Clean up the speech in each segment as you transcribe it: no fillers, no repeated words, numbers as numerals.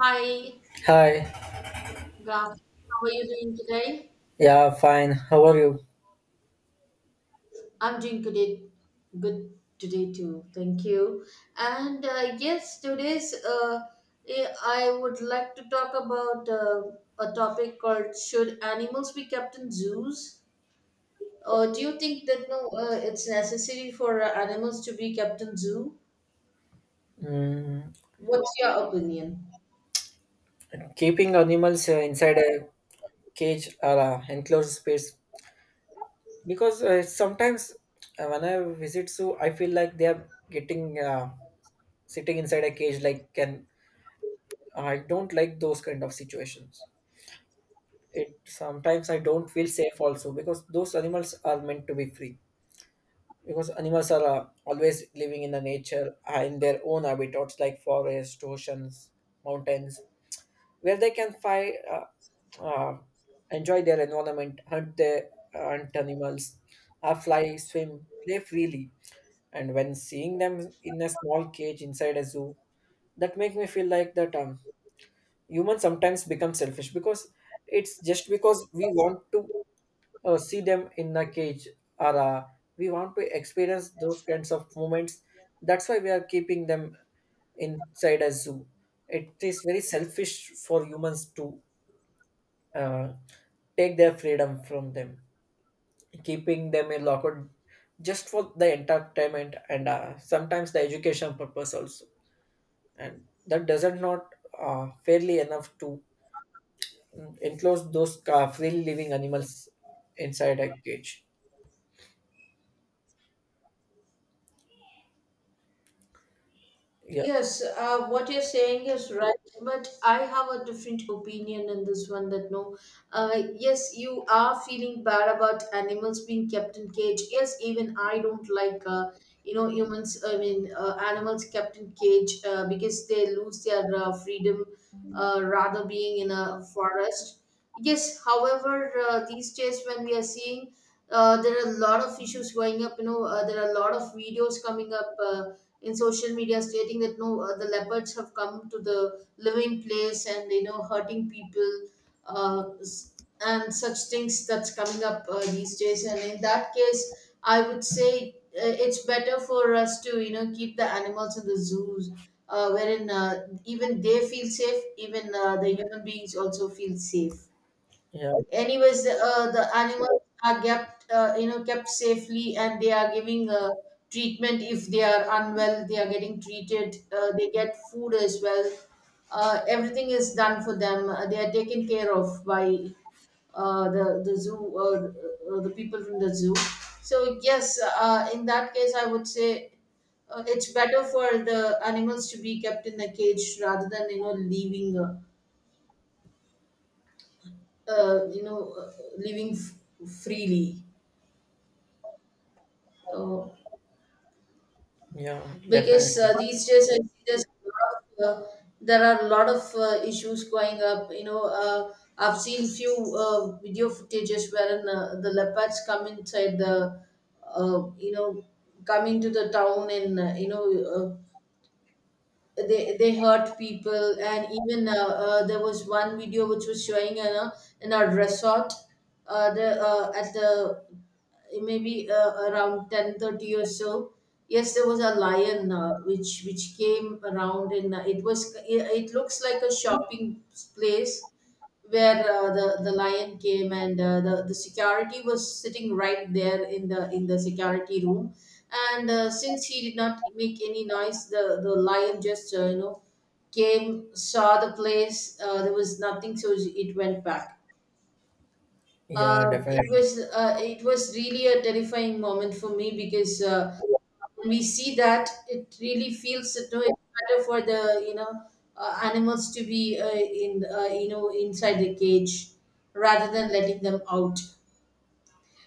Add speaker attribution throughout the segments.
Speaker 1: Hi,
Speaker 2: Hi.
Speaker 1: Graf. How are you doing today?
Speaker 2: Yeah, fine. How are you?
Speaker 1: I'm doing good today too. Thank you. And yes, today's eh, I would like to talk about a topic called "Should animals be kept in zoos?" Do you think that no, it's necessary for animals to be kept in zoo?
Speaker 2: Mm,
Speaker 1: What's your opinion?
Speaker 2: keeping animals inside a cage or a enclosed space because sometimes when I visit zoo, I feel like they are getting sitting inside a cage. Like, can I don't like those kind of situations. It sometimes I don't feel safe also because those animals are meant to be free. Because animals are always living in the nature in their own habitats like forests, oceans, mountains where they can find uh, enjoy their environment, hunt their hunt animals, fly, swim, play freely. And when seeing them in a small cage inside a zoo, that make me feel like that humans sometimes become selfish because it's just because we want to see them in a cage or we want to experience those kinds of moments. That's why we are keeping them inside a zoo. It is very selfish for humans to uh, take their freedom from them, keeping them in locker just for the entertainment and sometimes the education purpose also. And that doesn't not fairly enough to enclose those free living animals inside a cage. Yeah,
Speaker 1: Yes, what you're saying is right, but I have a different opinion in this one that no, yes, you are feeling bad about animals being kept in cage. Yes, even I don't like, animals kept in cage because they lose their freedom, rather being in a forest. Yes, however, these days when we are seeing, there are a lot of issues going up, you know, there are a lot of videos coming up. In social media stating that no, the leopards have come to the living place and you know hurting people uh, s- and such things that's coming up these days. And in that case, I would say it's better for us to you know keep the animals in the zoos. Wherein even they feel safe, even the human beings also feel safe
Speaker 2: yeah,
Speaker 1: anyways, the animals are kept, you know, kept safely, and they are giving treatment. If they are unwell, they are getting treated, they get food as well, everything is done for them. They are taken care of by the zoo, the people from the zoo. So yes, in that case I would say it's better for the animals to be kept in a cage rather than you know leaving, uh, you know, uh, living f- freely. Uh,
Speaker 2: yeah,
Speaker 1: because
Speaker 2: definitely.
Speaker 1: these days I see there's a lot of, there are a lot of issues going up. You know, I've seen few video footages wherein the leopards come inside the, uh, you know, come into the town, and you know uh, they hurt people. And even there was one video which was showing in a resort, the at the maybe around 10:30 or so. Yes, there was a lion, which came around, and it looks like a shopping place, where the lion came, and the security was sitting right there in the security room. And since he did not make any noise, the lion just came, saw the place, there was nothing, so it went back.
Speaker 2: Yeah, definitely.
Speaker 1: It was really a terrifying moment for me, because when we see that, it really feels that no, it's better for the you know animals to be in you know inside the cage rather than letting them out.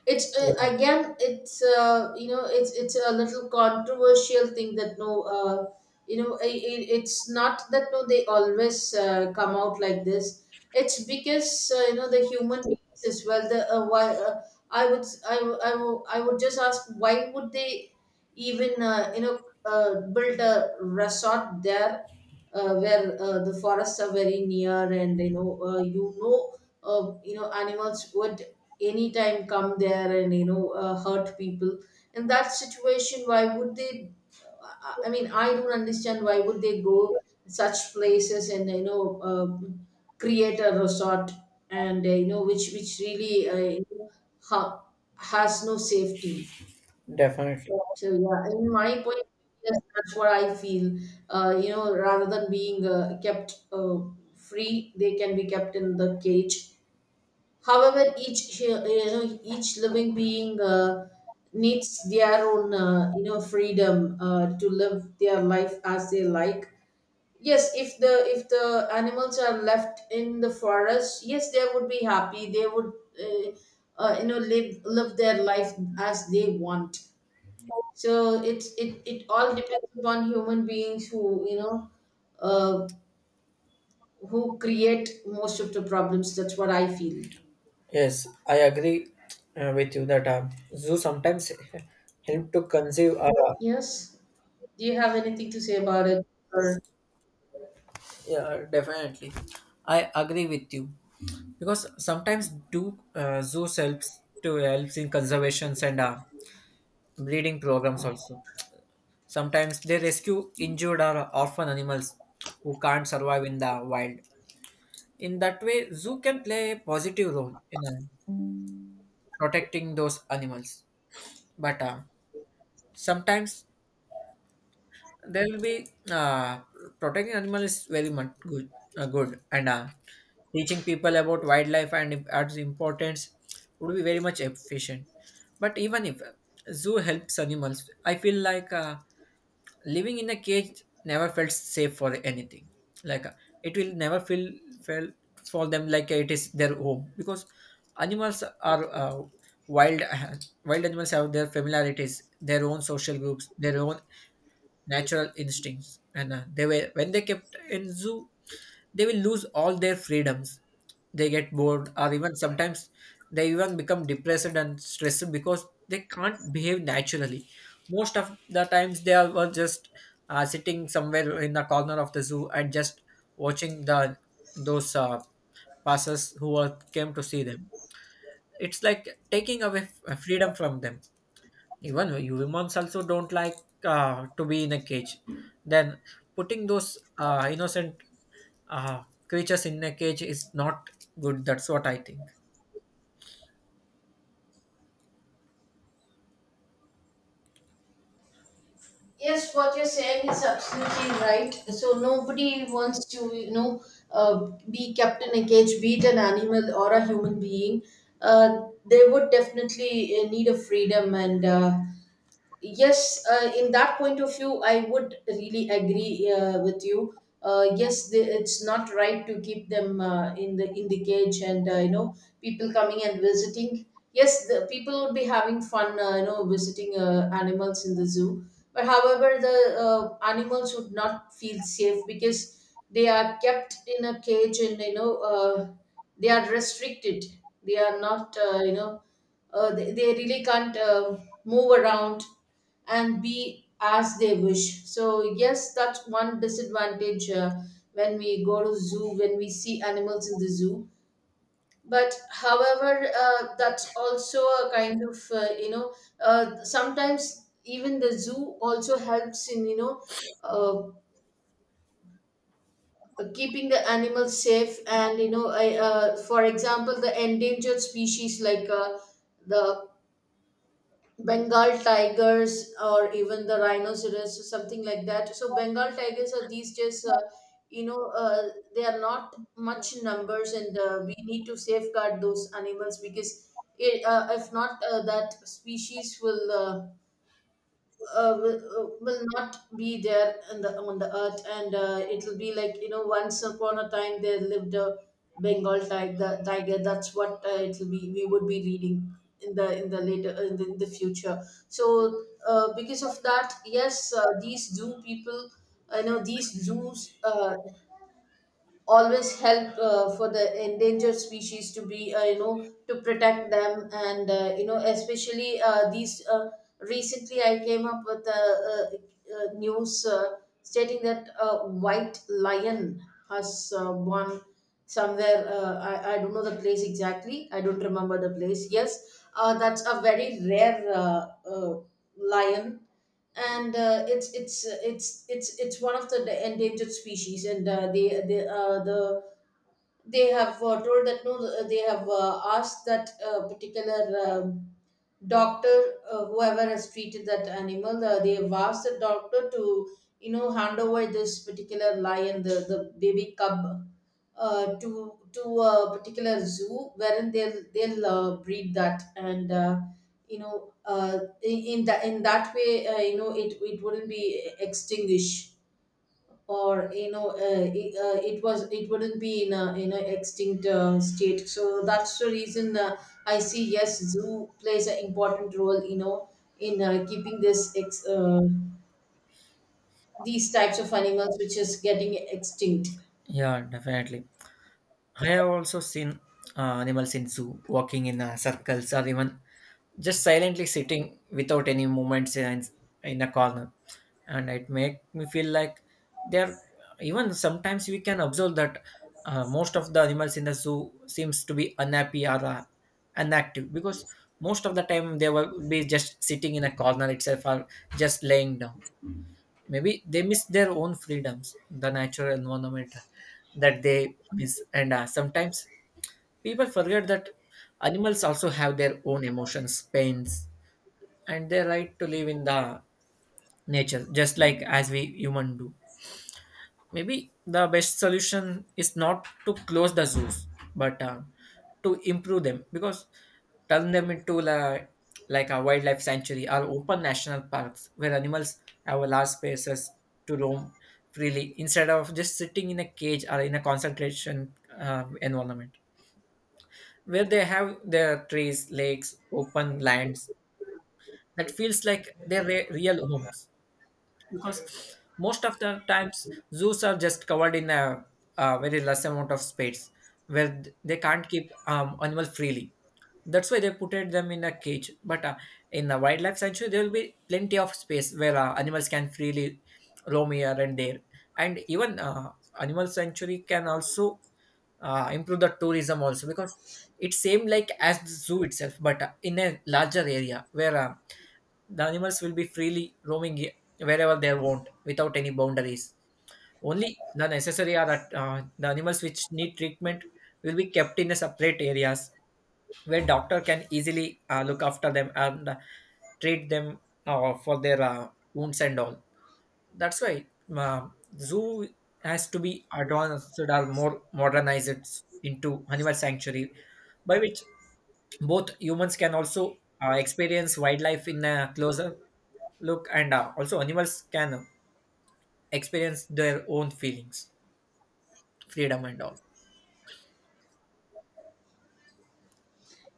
Speaker 1: It's
Speaker 2: Yeah,
Speaker 1: again, it's it's a little controversial thing that no, you know, it's not that no, they always come out like this. It's because you know, the human beings as well, the why I would I, w- I, w- I would just ask, why would they even build a resort there, where the forests are very near and you know animals would anytime come there and you know hurt people. In that situation, why would they, I mean, I don't understand why would they go such places and you know create a resort, and you know, which really ha- has no safety.
Speaker 2: definitely.
Speaker 1: So yeah, in my point of view, yes, that's what I feel. You know, rather than being kept free, they can be kept in the cage. However, you know, each living being needs their own you know, freedom to live their life as they like. Yes, if the animals are left in the forest, yes, they would be happy. They would uh, you know, live their life as they want. So it all depends upon human beings who you know uh, who create most of the problems. That's what I feel.
Speaker 2: Yes, I agree with you that zoo sometimes help to conceive. Our
Speaker 1: Yes, do you have anything to say about it, or?
Speaker 2: Yeah, definitely. I agree with you because sometimes do zoo helps to helps in conservations and breeding programs also. Sometimes they rescue injured or orphan animals who can't survive in the wild. In that way, zoo can play a positive role in protecting those animals. But sometimes there will be protecting animal is very much good good and teaching people about wildlife and its importance would be very much efficient but even if zoo helps animals, I feel like living in a cage never felt safe for anything, like it will never feel felt for them like it is their home because animals are wild. Wild animals have their familiarities, their own social groups, their own natural instincts, and they were when they kept in zoo, they will lose all their freedoms. They get bored or even sometimes they even become depressed and stressed because they can't behave naturally. Most of the times they are were just sitting somewhere in the corner of the zoo and just watching the those passers who are, came to see them. It's like taking away freedom from them. Even humans also don't like to be in a cage, then putting those innocent uh, creatures in a cage is not good. That's what I think.
Speaker 1: Yes, what you're saying is absolutely right. So nobody wants to, you know, be kept in a cage, be it an animal or a human being. They would definitely need a freedom, and yes, in that point of view I would really agree with you. Yes, the, it's not right to keep them in the cage and you know, people coming and visiting. Yes, the people would be having fun you know, visiting animals in the zoo. But however, the animals would not feel safe because they are kept in a cage, and you know they are restricted. They are not they really can't move around and be as they wish. So yes, that's one disadvantage when we go to zoo, when we see animals in the zoo. But however, that's also a kind of sometimes even the zoo also helps in you know. Uh, Keeping the animals safe, and you know, for example, the endangered species like the Bengal tigers or even the rhinoceros or something like that. So Bengal tigers are these just you know uh, they are not much in numbers, and we need to safeguard those animals because if not that species will will not be there on the earth, and it'll be like you know, once upon a time there lived a Bengal tiger, that's what it'll be, we would be reading in the later in the future. So because of that, yes, these zoo people, I know these zoos always help for the endangered species to be you know, to protect them, and you know, especially these recently I came up with a, uh news stating that a white lion has won somewhere. I don't know the place exactly, I don't remember the place. Yes, that's a very rare lion, and it's one of the endangered species, and they have told that no, they have asked that particular um, doctor whoever has treated that animal, they have asked the doctor to you know hand over this particular lion, the baby cub, to a particular zoo wherein they'll breed that, and you know, in that way, you know, it wouldn't be extinguished, or you know, it wouldn't be in a extinct state. So that's the reason I see, yes, zoo plays an important role, you know, in keeping this these types of animals which is getting extinct.
Speaker 2: Yeah, definitely. I have also seen animals in zoo walking in circles or even just silently sitting without any movements in a corner, and it make me feel like they're even sometimes we can observe that most of the animals in the zoo seems to be unhappy or inactive because most of the time they will be just sitting in a corner itself or just laying down. Maybe they miss their own freedoms, the natural environment that they miss, and sometimes people forget that animals also have their own emotions, pains, and their right to live in the nature just like as we human do. Maybe the best solution is not to close the zoos, but to improve them because turn them into like a wildlife sanctuary or open national parks where animals have large spaces to roam freely instead of just sitting in a cage or in a concentration environment, where they have their trees, lakes, open lands that feels like their real homes. Because most of the times zoos are just covered in a very less amount of space where they can't keep animal freely. That's why they put it them in a cage, but in a wildlife sanctuary there will be plenty of space where animals can freely roam here and there. And even animal sanctuary can also improve the tourism also because it same like as the zoo itself, but in a larger area where the animals will be freely roaming wherever they want without any boundaries. Only the necessary are at, the animals which need treatment will be kept in a separate areas where doctor can easily look after them and treat them for their wounds and all. That's why uh, zoo has to be advanced or more modernized into animal sanctuary, by which both humans can also experience wildlife in a closer look, and also animals can experience their own feelings, freedom, and all.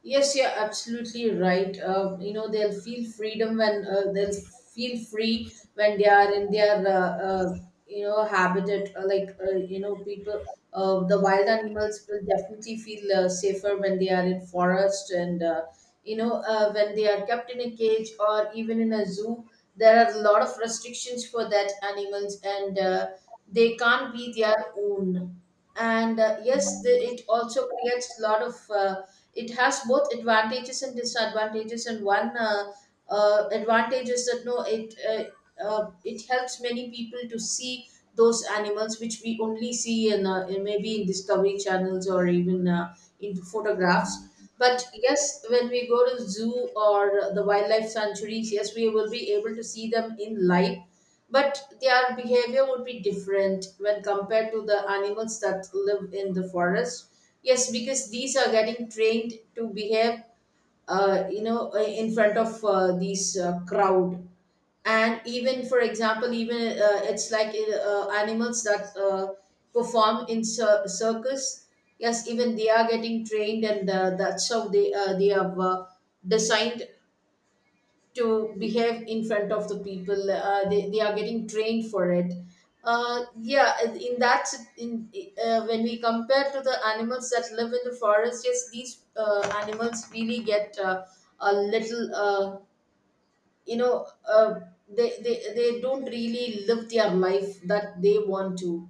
Speaker 1: Yes, you're absolutely right. You know, they'll feel freedom when they'll feel free when they are in their you know, habitat. Like you know, people, the wild animals will definitely feel safer when they are in forest, and you know when they are kept in a cage or even in a zoo. There are a lot of restrictions for that animals, and they can't be their own, and yes, the, it also creates a lot of it has both advantages and disadvantages, and one advantage is that no, it it helps many people to see those animals which we only see in maybe in discovery channels or even in photographs. But yes, when we go to zoo or the wildlife sanctuaries, yes, we will be able to see them in live. But their behavior would be different when compared to the animals that live in the forest. Yes, because these are getting trained to behave, in front of these crowd. And even, for example, even it's like animals that perform in circus. Yes, even they are getting trained, and that's how they have designed to behave in front of the people. They are getting trained for it. Yeah in that in When we compare to the animals that live in the forest. Yes, these animals really get a little you know uh, they don't really live their life that they want to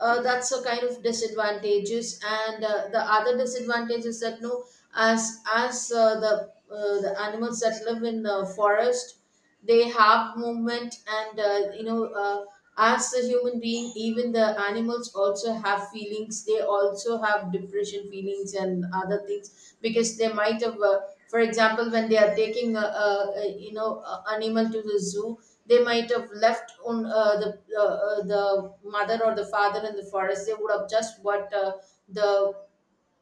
Speaker 1: uh, That's a kind of disadvantages, and the other disadvantage is that, no, as as the animals that live in the forest, they have movement. And uh, you know uh, as a human being, even the animals also have feelings. They also have depression feelings and other things, because they might have for example, when they are taking a you know a animal to the zoo, they might have left on the mother or the father in the forest. They would have just what... the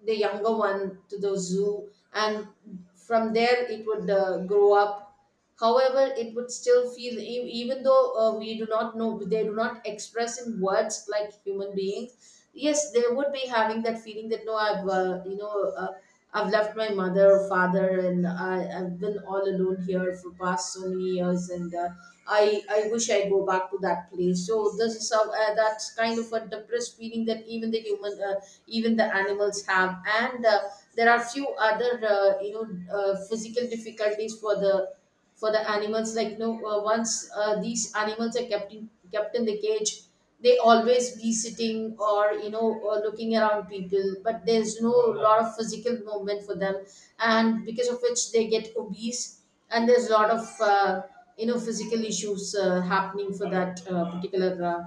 Speaker 1: the younger one to the zoo, and from there it would grow up. However, it would still feel, even though we do not know, they do not express in words like human beings. Yes, they would be having that feeling that, no, I've you know I've left my mother, father, and I've been all alone here for past so many years, and I wish I go back to that place. So this is how, that's kind of a depressed feeling that even the animals have, and there are few other physical difficulties for the animals like, no, once these animals are kept in the cage, they always be sitting, or you know or looking around people, but there's no lot of physical movement for them, and because of which they get obese. And there's a lot of physical issues happening for that particular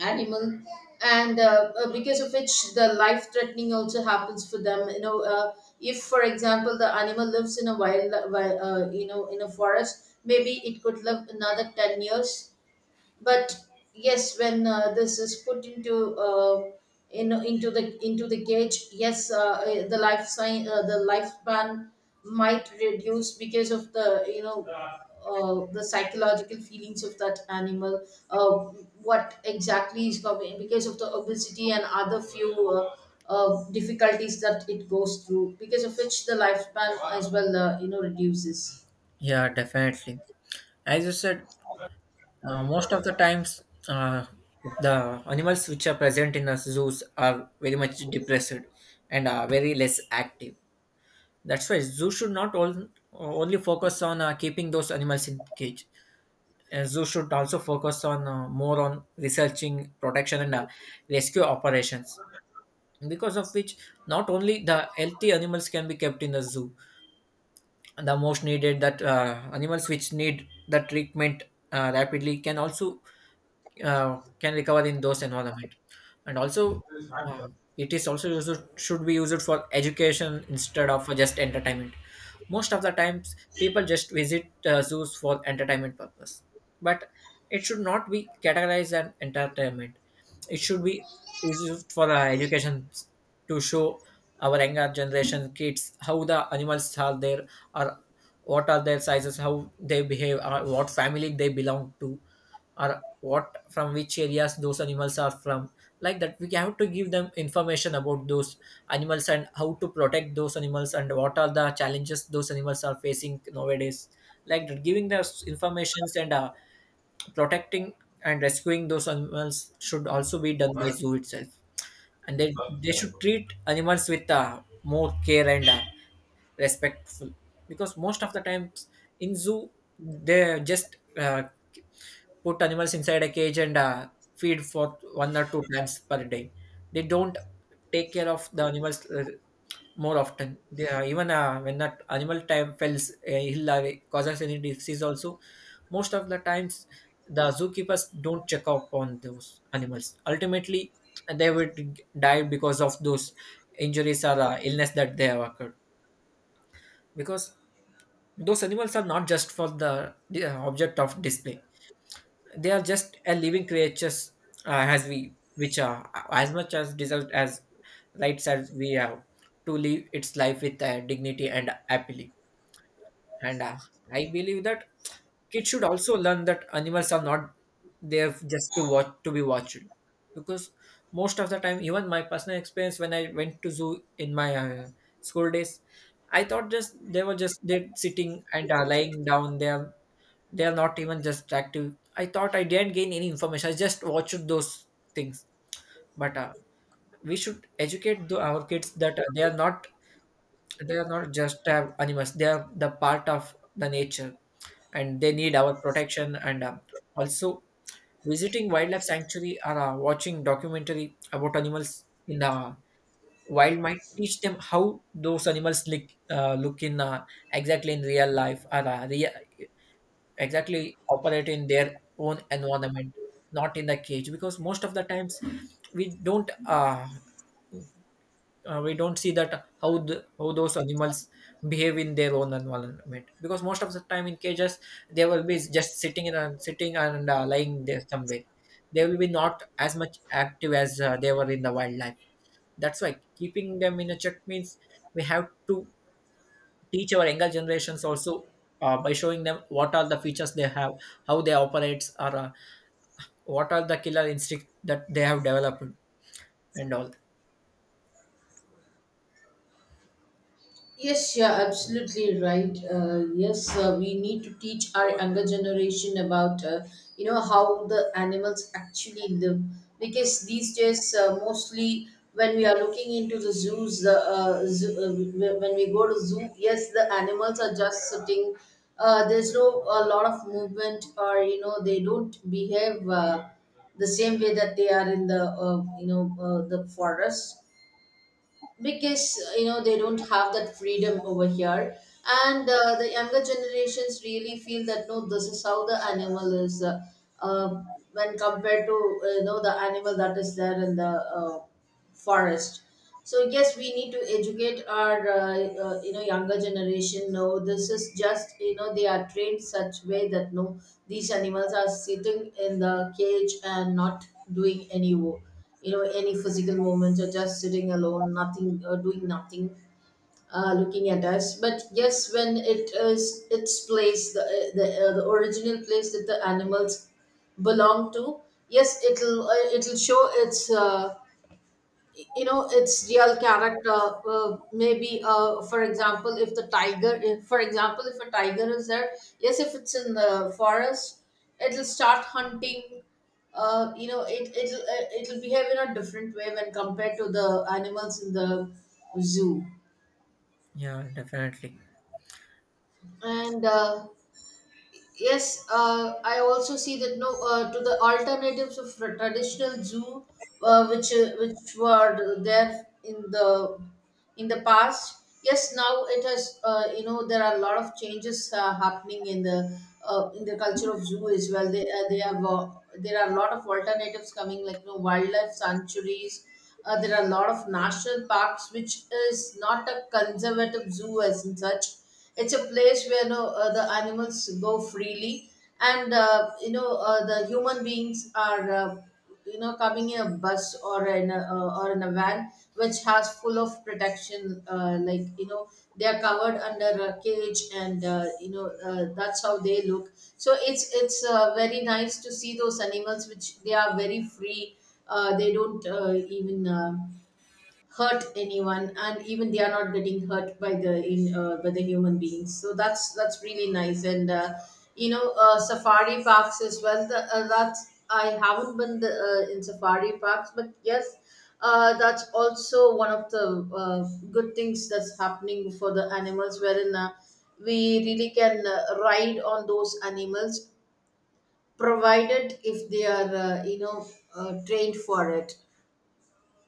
Speaker 1: animal, and because of which the life threatening also happens for them. If, for example, the animal lives in a wild, in a forest, maybe it could live another 10 years. But yes, when this is put into the gauge. Yes, the lifespan might reduce because of the you know the psychological feelings of that animal uh, what exactly is coming because of the obesity and other few difficulties that it goes through, because of which the lifespan as well reduces.
Speaker 2: Yeah, definitely. As you said, most of the times, the animals which are present in the zoos are very much depressed and are very less active. That's why zoo should not all, only focus on keeping those animals in cage. Zoo should also focus on more on researching protection and rescue operations, because of which not only the healthy animals can be kept in the zoo, the most needed that animals which need the treatment rapidly can also can recover in those environment. And also um, it is also used should be used for education instead of for just entertainment. Most of the times people just visit zoos for entertainment purpose, but it should not be categorized as entertainment. It should be used for our education, to show our younger generation kids how the animals are there, or what are their sizes, how they behave, or what family they belong to, or what from which areas those animals are from. Like that, we have to give them information about those animals and how to protect those animals and what are the challenges those animals are facing nowadays. Like that, giving us informations and protecting and rescuing those animals should also be done by zoo itself, and they should treat animals with more care and respectful because most of the times in zoo they just put animals inside a cage and feed for one or two times per day. They don't take care of the animals more often. They, even when that animal time fails ill or causes any disease, also most of the times the zookeepers don't check up on those animals. Ultimately, they would die because of those injuries or illness that they have occurred. Because those animals are not just for the object of display, they are just a living creatures, as we which are as much as deserved as rights as we have to live its life with dignity and happily. And I believe that kids should also learn that animals are not there just to watch to be watched, because most of the time, even my personal experience when I went to zoo in my school days, I thought just they were just they sitting and lying down there, they are not even just active. I thought I didn't gain any information. I just watched those things. But we should educate the, our kids that they are not just animals. They are the part of the nature, and they need our protection. And also visiting wildlife sanctuary or watching documentary about animals in the wild might teach them how those animals look look in exactly in real life, or real, exactly operate in their own environment, not in the cage, because most of the times we don't uh, we don't see that how the, how those animals behave in their own environment because most of the time in cages they will be just sitting in and sitting and lying there somewhere. They will be not as much active as they were in the wildlife. That's why keeping them in a check means we have to teach our younger generations also by showing them what are the features they have, how they operates, or what are the killer instinct that they have developed and all.
Speaker 1: Yes, you're absolutely right. Yes, we need to teach our younger generation about how the animals actually live, because these days, mostly when we are looking into the zoos, when we go to zoo, yes, the animals are just sitting. There's no a lot of movement, or they don't behave the same way that they are in the forest, because they don't have that freedom over here. And the younger generations really feel that, no, this is how the animal is uh, when compared to the animal that is there in the uh, forest So yes, we need to educate our younger generation, no, this is just, they are trained such way that, no, these animals are sitting in the cage and not doing any wo- you know any physical movements, or just sitting alone, nothing, doing nothing, looking at us. But yes, when it is its place, the original place that the animals belong to, yes, it'll show its you know its real character. Maybe, for example, if the tiger if, for example, if a tiger is there, yes, if it's in the forest, it'll start hunting. It'll behave in a different way when compared to the animals in the zoo,
Speaker 2: Yeah, definitely.
Speaker 1: and yes, I also see that, no, to the alternatives of traditional zoo, which were there in the past. Yes, now it has, there are a lot of changes happening in the culture of zoo as well. They have, there are a lot of alternatives coming, like, wildlife sanctuaries. There are a lot of national parks, which is not a conservative zoo as in such. It's a place where, no, the animals go freely, and the human beings are coming in a bus or in a van which has full of protection. Like, they are covered under a cage, and that's how they look. So it's very nice to see those animals, which they are very free. They don't even hurt anyone, and even they are not getting hurt by the human beings, so that's really nice, and safari parks as well. That's, I haven't in safari parks. But yes, that's also one of the uh, good things that's happening for the animals wherein we really can ride on those animals, provided if they are trained for it.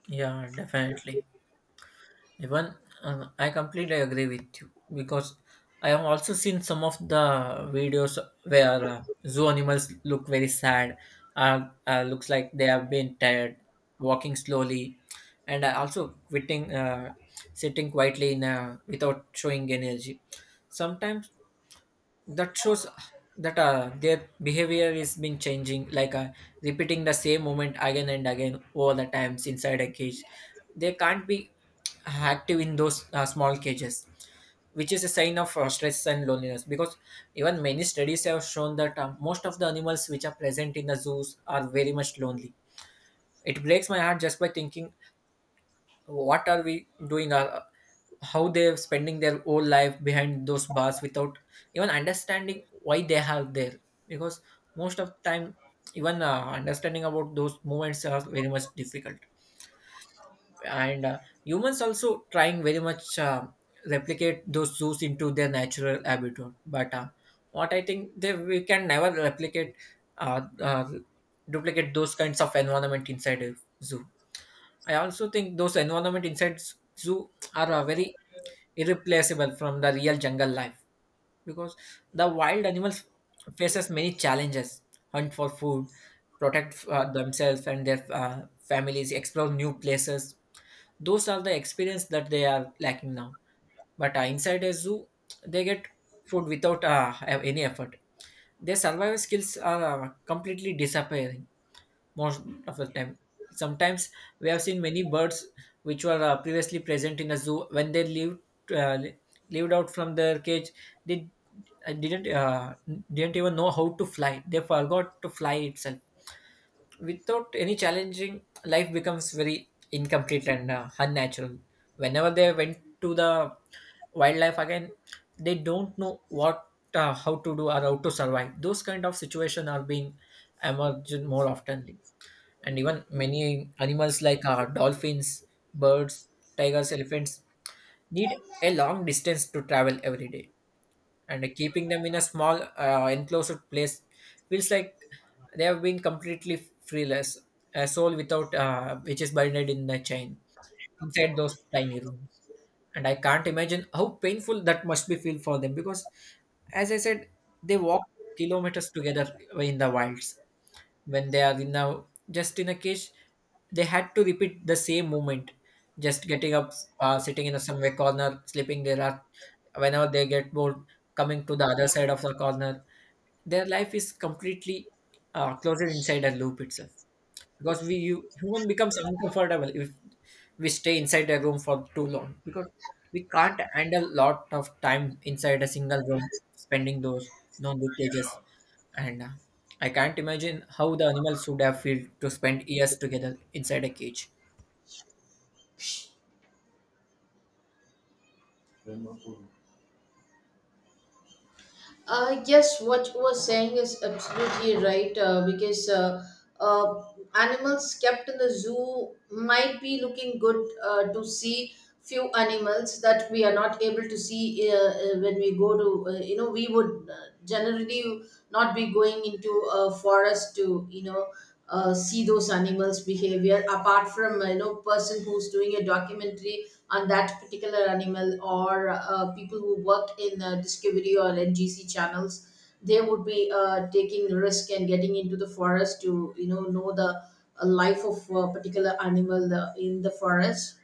Speaker 2: Yeah, definitely. Even I completely agree with you because I have also seen some of the videos where zoo animals look very sad, looks like they have been tired, walking slowly, and also quitting, sitting quietly in without showing energy. Sometimes that shows that their behavior is been changing, like repeating the same movement again and again all the times inside a cage. They can't be active in those small cages, which is a sign of stress and loneliness, because even many studies have shown that most of the animals which are present in the zoos are very much lonely. It breaks my heart just by thinking what are we doing, how they're spending their whole life behind those bars without even understanding why they have there. Because most of time even understanding about those movements are very much difficult, and humans also trying very much replicate those zoos into their natural habitat, but what I think they we can never replicate uh, uh, duplicate those kinds of environment inside a zoo. I also think those environment inside zoo are very irreplaceable from the real jungle life, because the wild animals faces many challenges, hunt for food, protect themselves and their families, explore new places. Those are the experience that they are lacking now. But inside a zoo they get food without any effort. Their survival skills are completely disappearing most of the time. Sometimes we have seen many birds which were previously present in a zoo, when they lived uh, li- lived out from their cage, they uh, didn't uh, didn't even know how to fly. They forgot to fly itself. Without any challenging, life becomes very incomplete and unnatural. Whenever they went to the wildlife again, they don't know what how to do or how to survive. Those kind of situation are being emerged more often. And even many animals like dolphins, birds, tigers, elephants need a long distance to travel every day. And keeping them in a small enclosed place feels like they have been completely freeless, a soul without which is buried in the chain inside those tiny rooms. And I can't imagine how painful that must be feel for them, because as I said, they walk kilometers together in the wilds. When they are in a just in a cage, they had to repeat the same movement, just getting up, sitting in a somewhere corner, sleeping. There are whenever they get bored, coming to the other side of the corner, their life is completely closed inside a loop itself. Because we you, human becomes uncomfortable if we stay inside a room for too long, because we can't handle lot of time inside a single room spending those non cages. And I can't imagine how the animals would have felt to spend years together inside a cage.
Speaker 1: Yes, what you were saying is absolutely right, because uh, animals kept in the zoo might be looking good to see few animals that we are not able to see, when we go to, we would generally not be going into a forest to see those animals behavior, apart from person who's doing a documentary on that particular animal, or people who work in discovery or NGC channels. They would be taking risk and getting into the forest to know the life of a particular animal in the forest.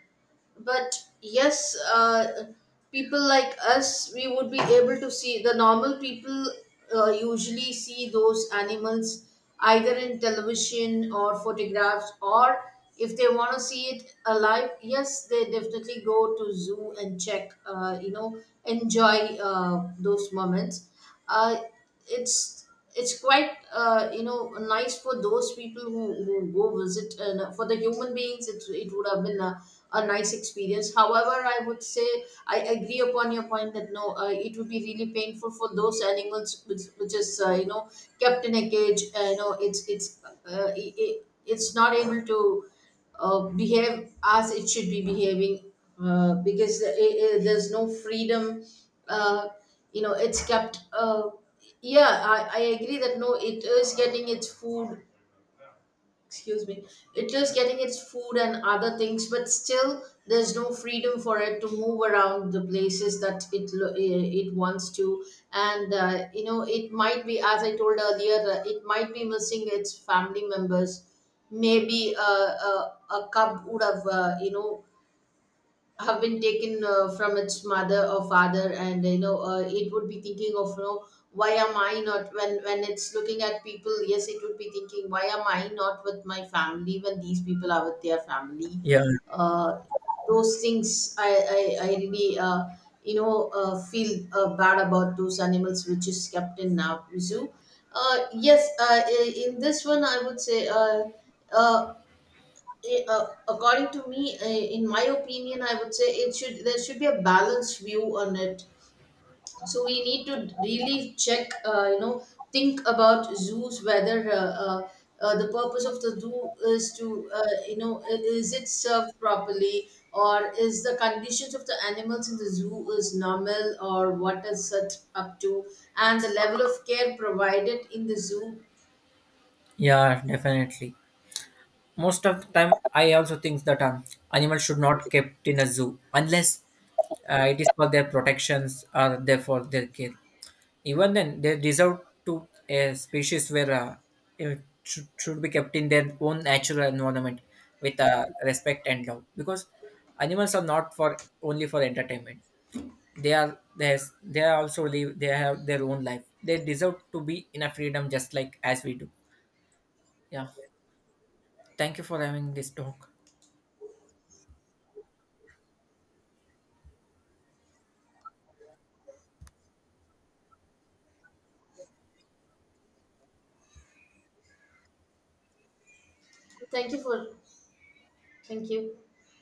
Speaker 1: But yes, people like us, we would be able to see. The normal people usually see those animals either in television or photographs, or if they want to see it alive, yes, they definitely go to zoo and check, enjoy those moments. uh, it's it's quite you know nice for those people who go visit, and for the human beings, it would have been a nice experience. However, I would say I agree upon your point that, no, it would be really painful for those animals which is kept in a cage. It's not able to behave as it should be behaving, because I, there's no freedom uh, it's kept. Yeah, I agree that, no, it is getting its food. Excuse me, it is getting its food and other things, but still there's no freedom for it to move around the places that it wants to. And it might be, as I told earlier, it might be missing its family members. Maybe a cub would have have been taken from its mother or father, and it would be thinking of you know why am I not, when it's looking at people, yes, it would be thinking, why am I not with my family when these people are with their family?
Speaker 2: Yeah.
Speaker 1: uh, those things, I really feel bad about those animals which is kept in now zoo. Yes, in this one, I would say uh, according to me, in my opinion, I would say, it should there should be a balanced view on it. So we need to really check, think about zoos, whether the purpose of the zoo is to you know I- is it served properly, or is the conditions of the animals in the zoo is normal, or what is it up to, and the level of care provided in the zoo.
Speaker 2: Yeah, definitely. Most of the time I also think that animals should not kept in a zoo unless it is for their protections or therefore their care. Even then, they deserve to a species where it should be kept in their own natural environment with respect and love. Because animals are not for only for entertainment. They are there's they are also live. They have their own life. They deserve to be in a freedom just like as we do. Yeah. Thank you for having this talk.
Speaker 1: thank you for Thank you.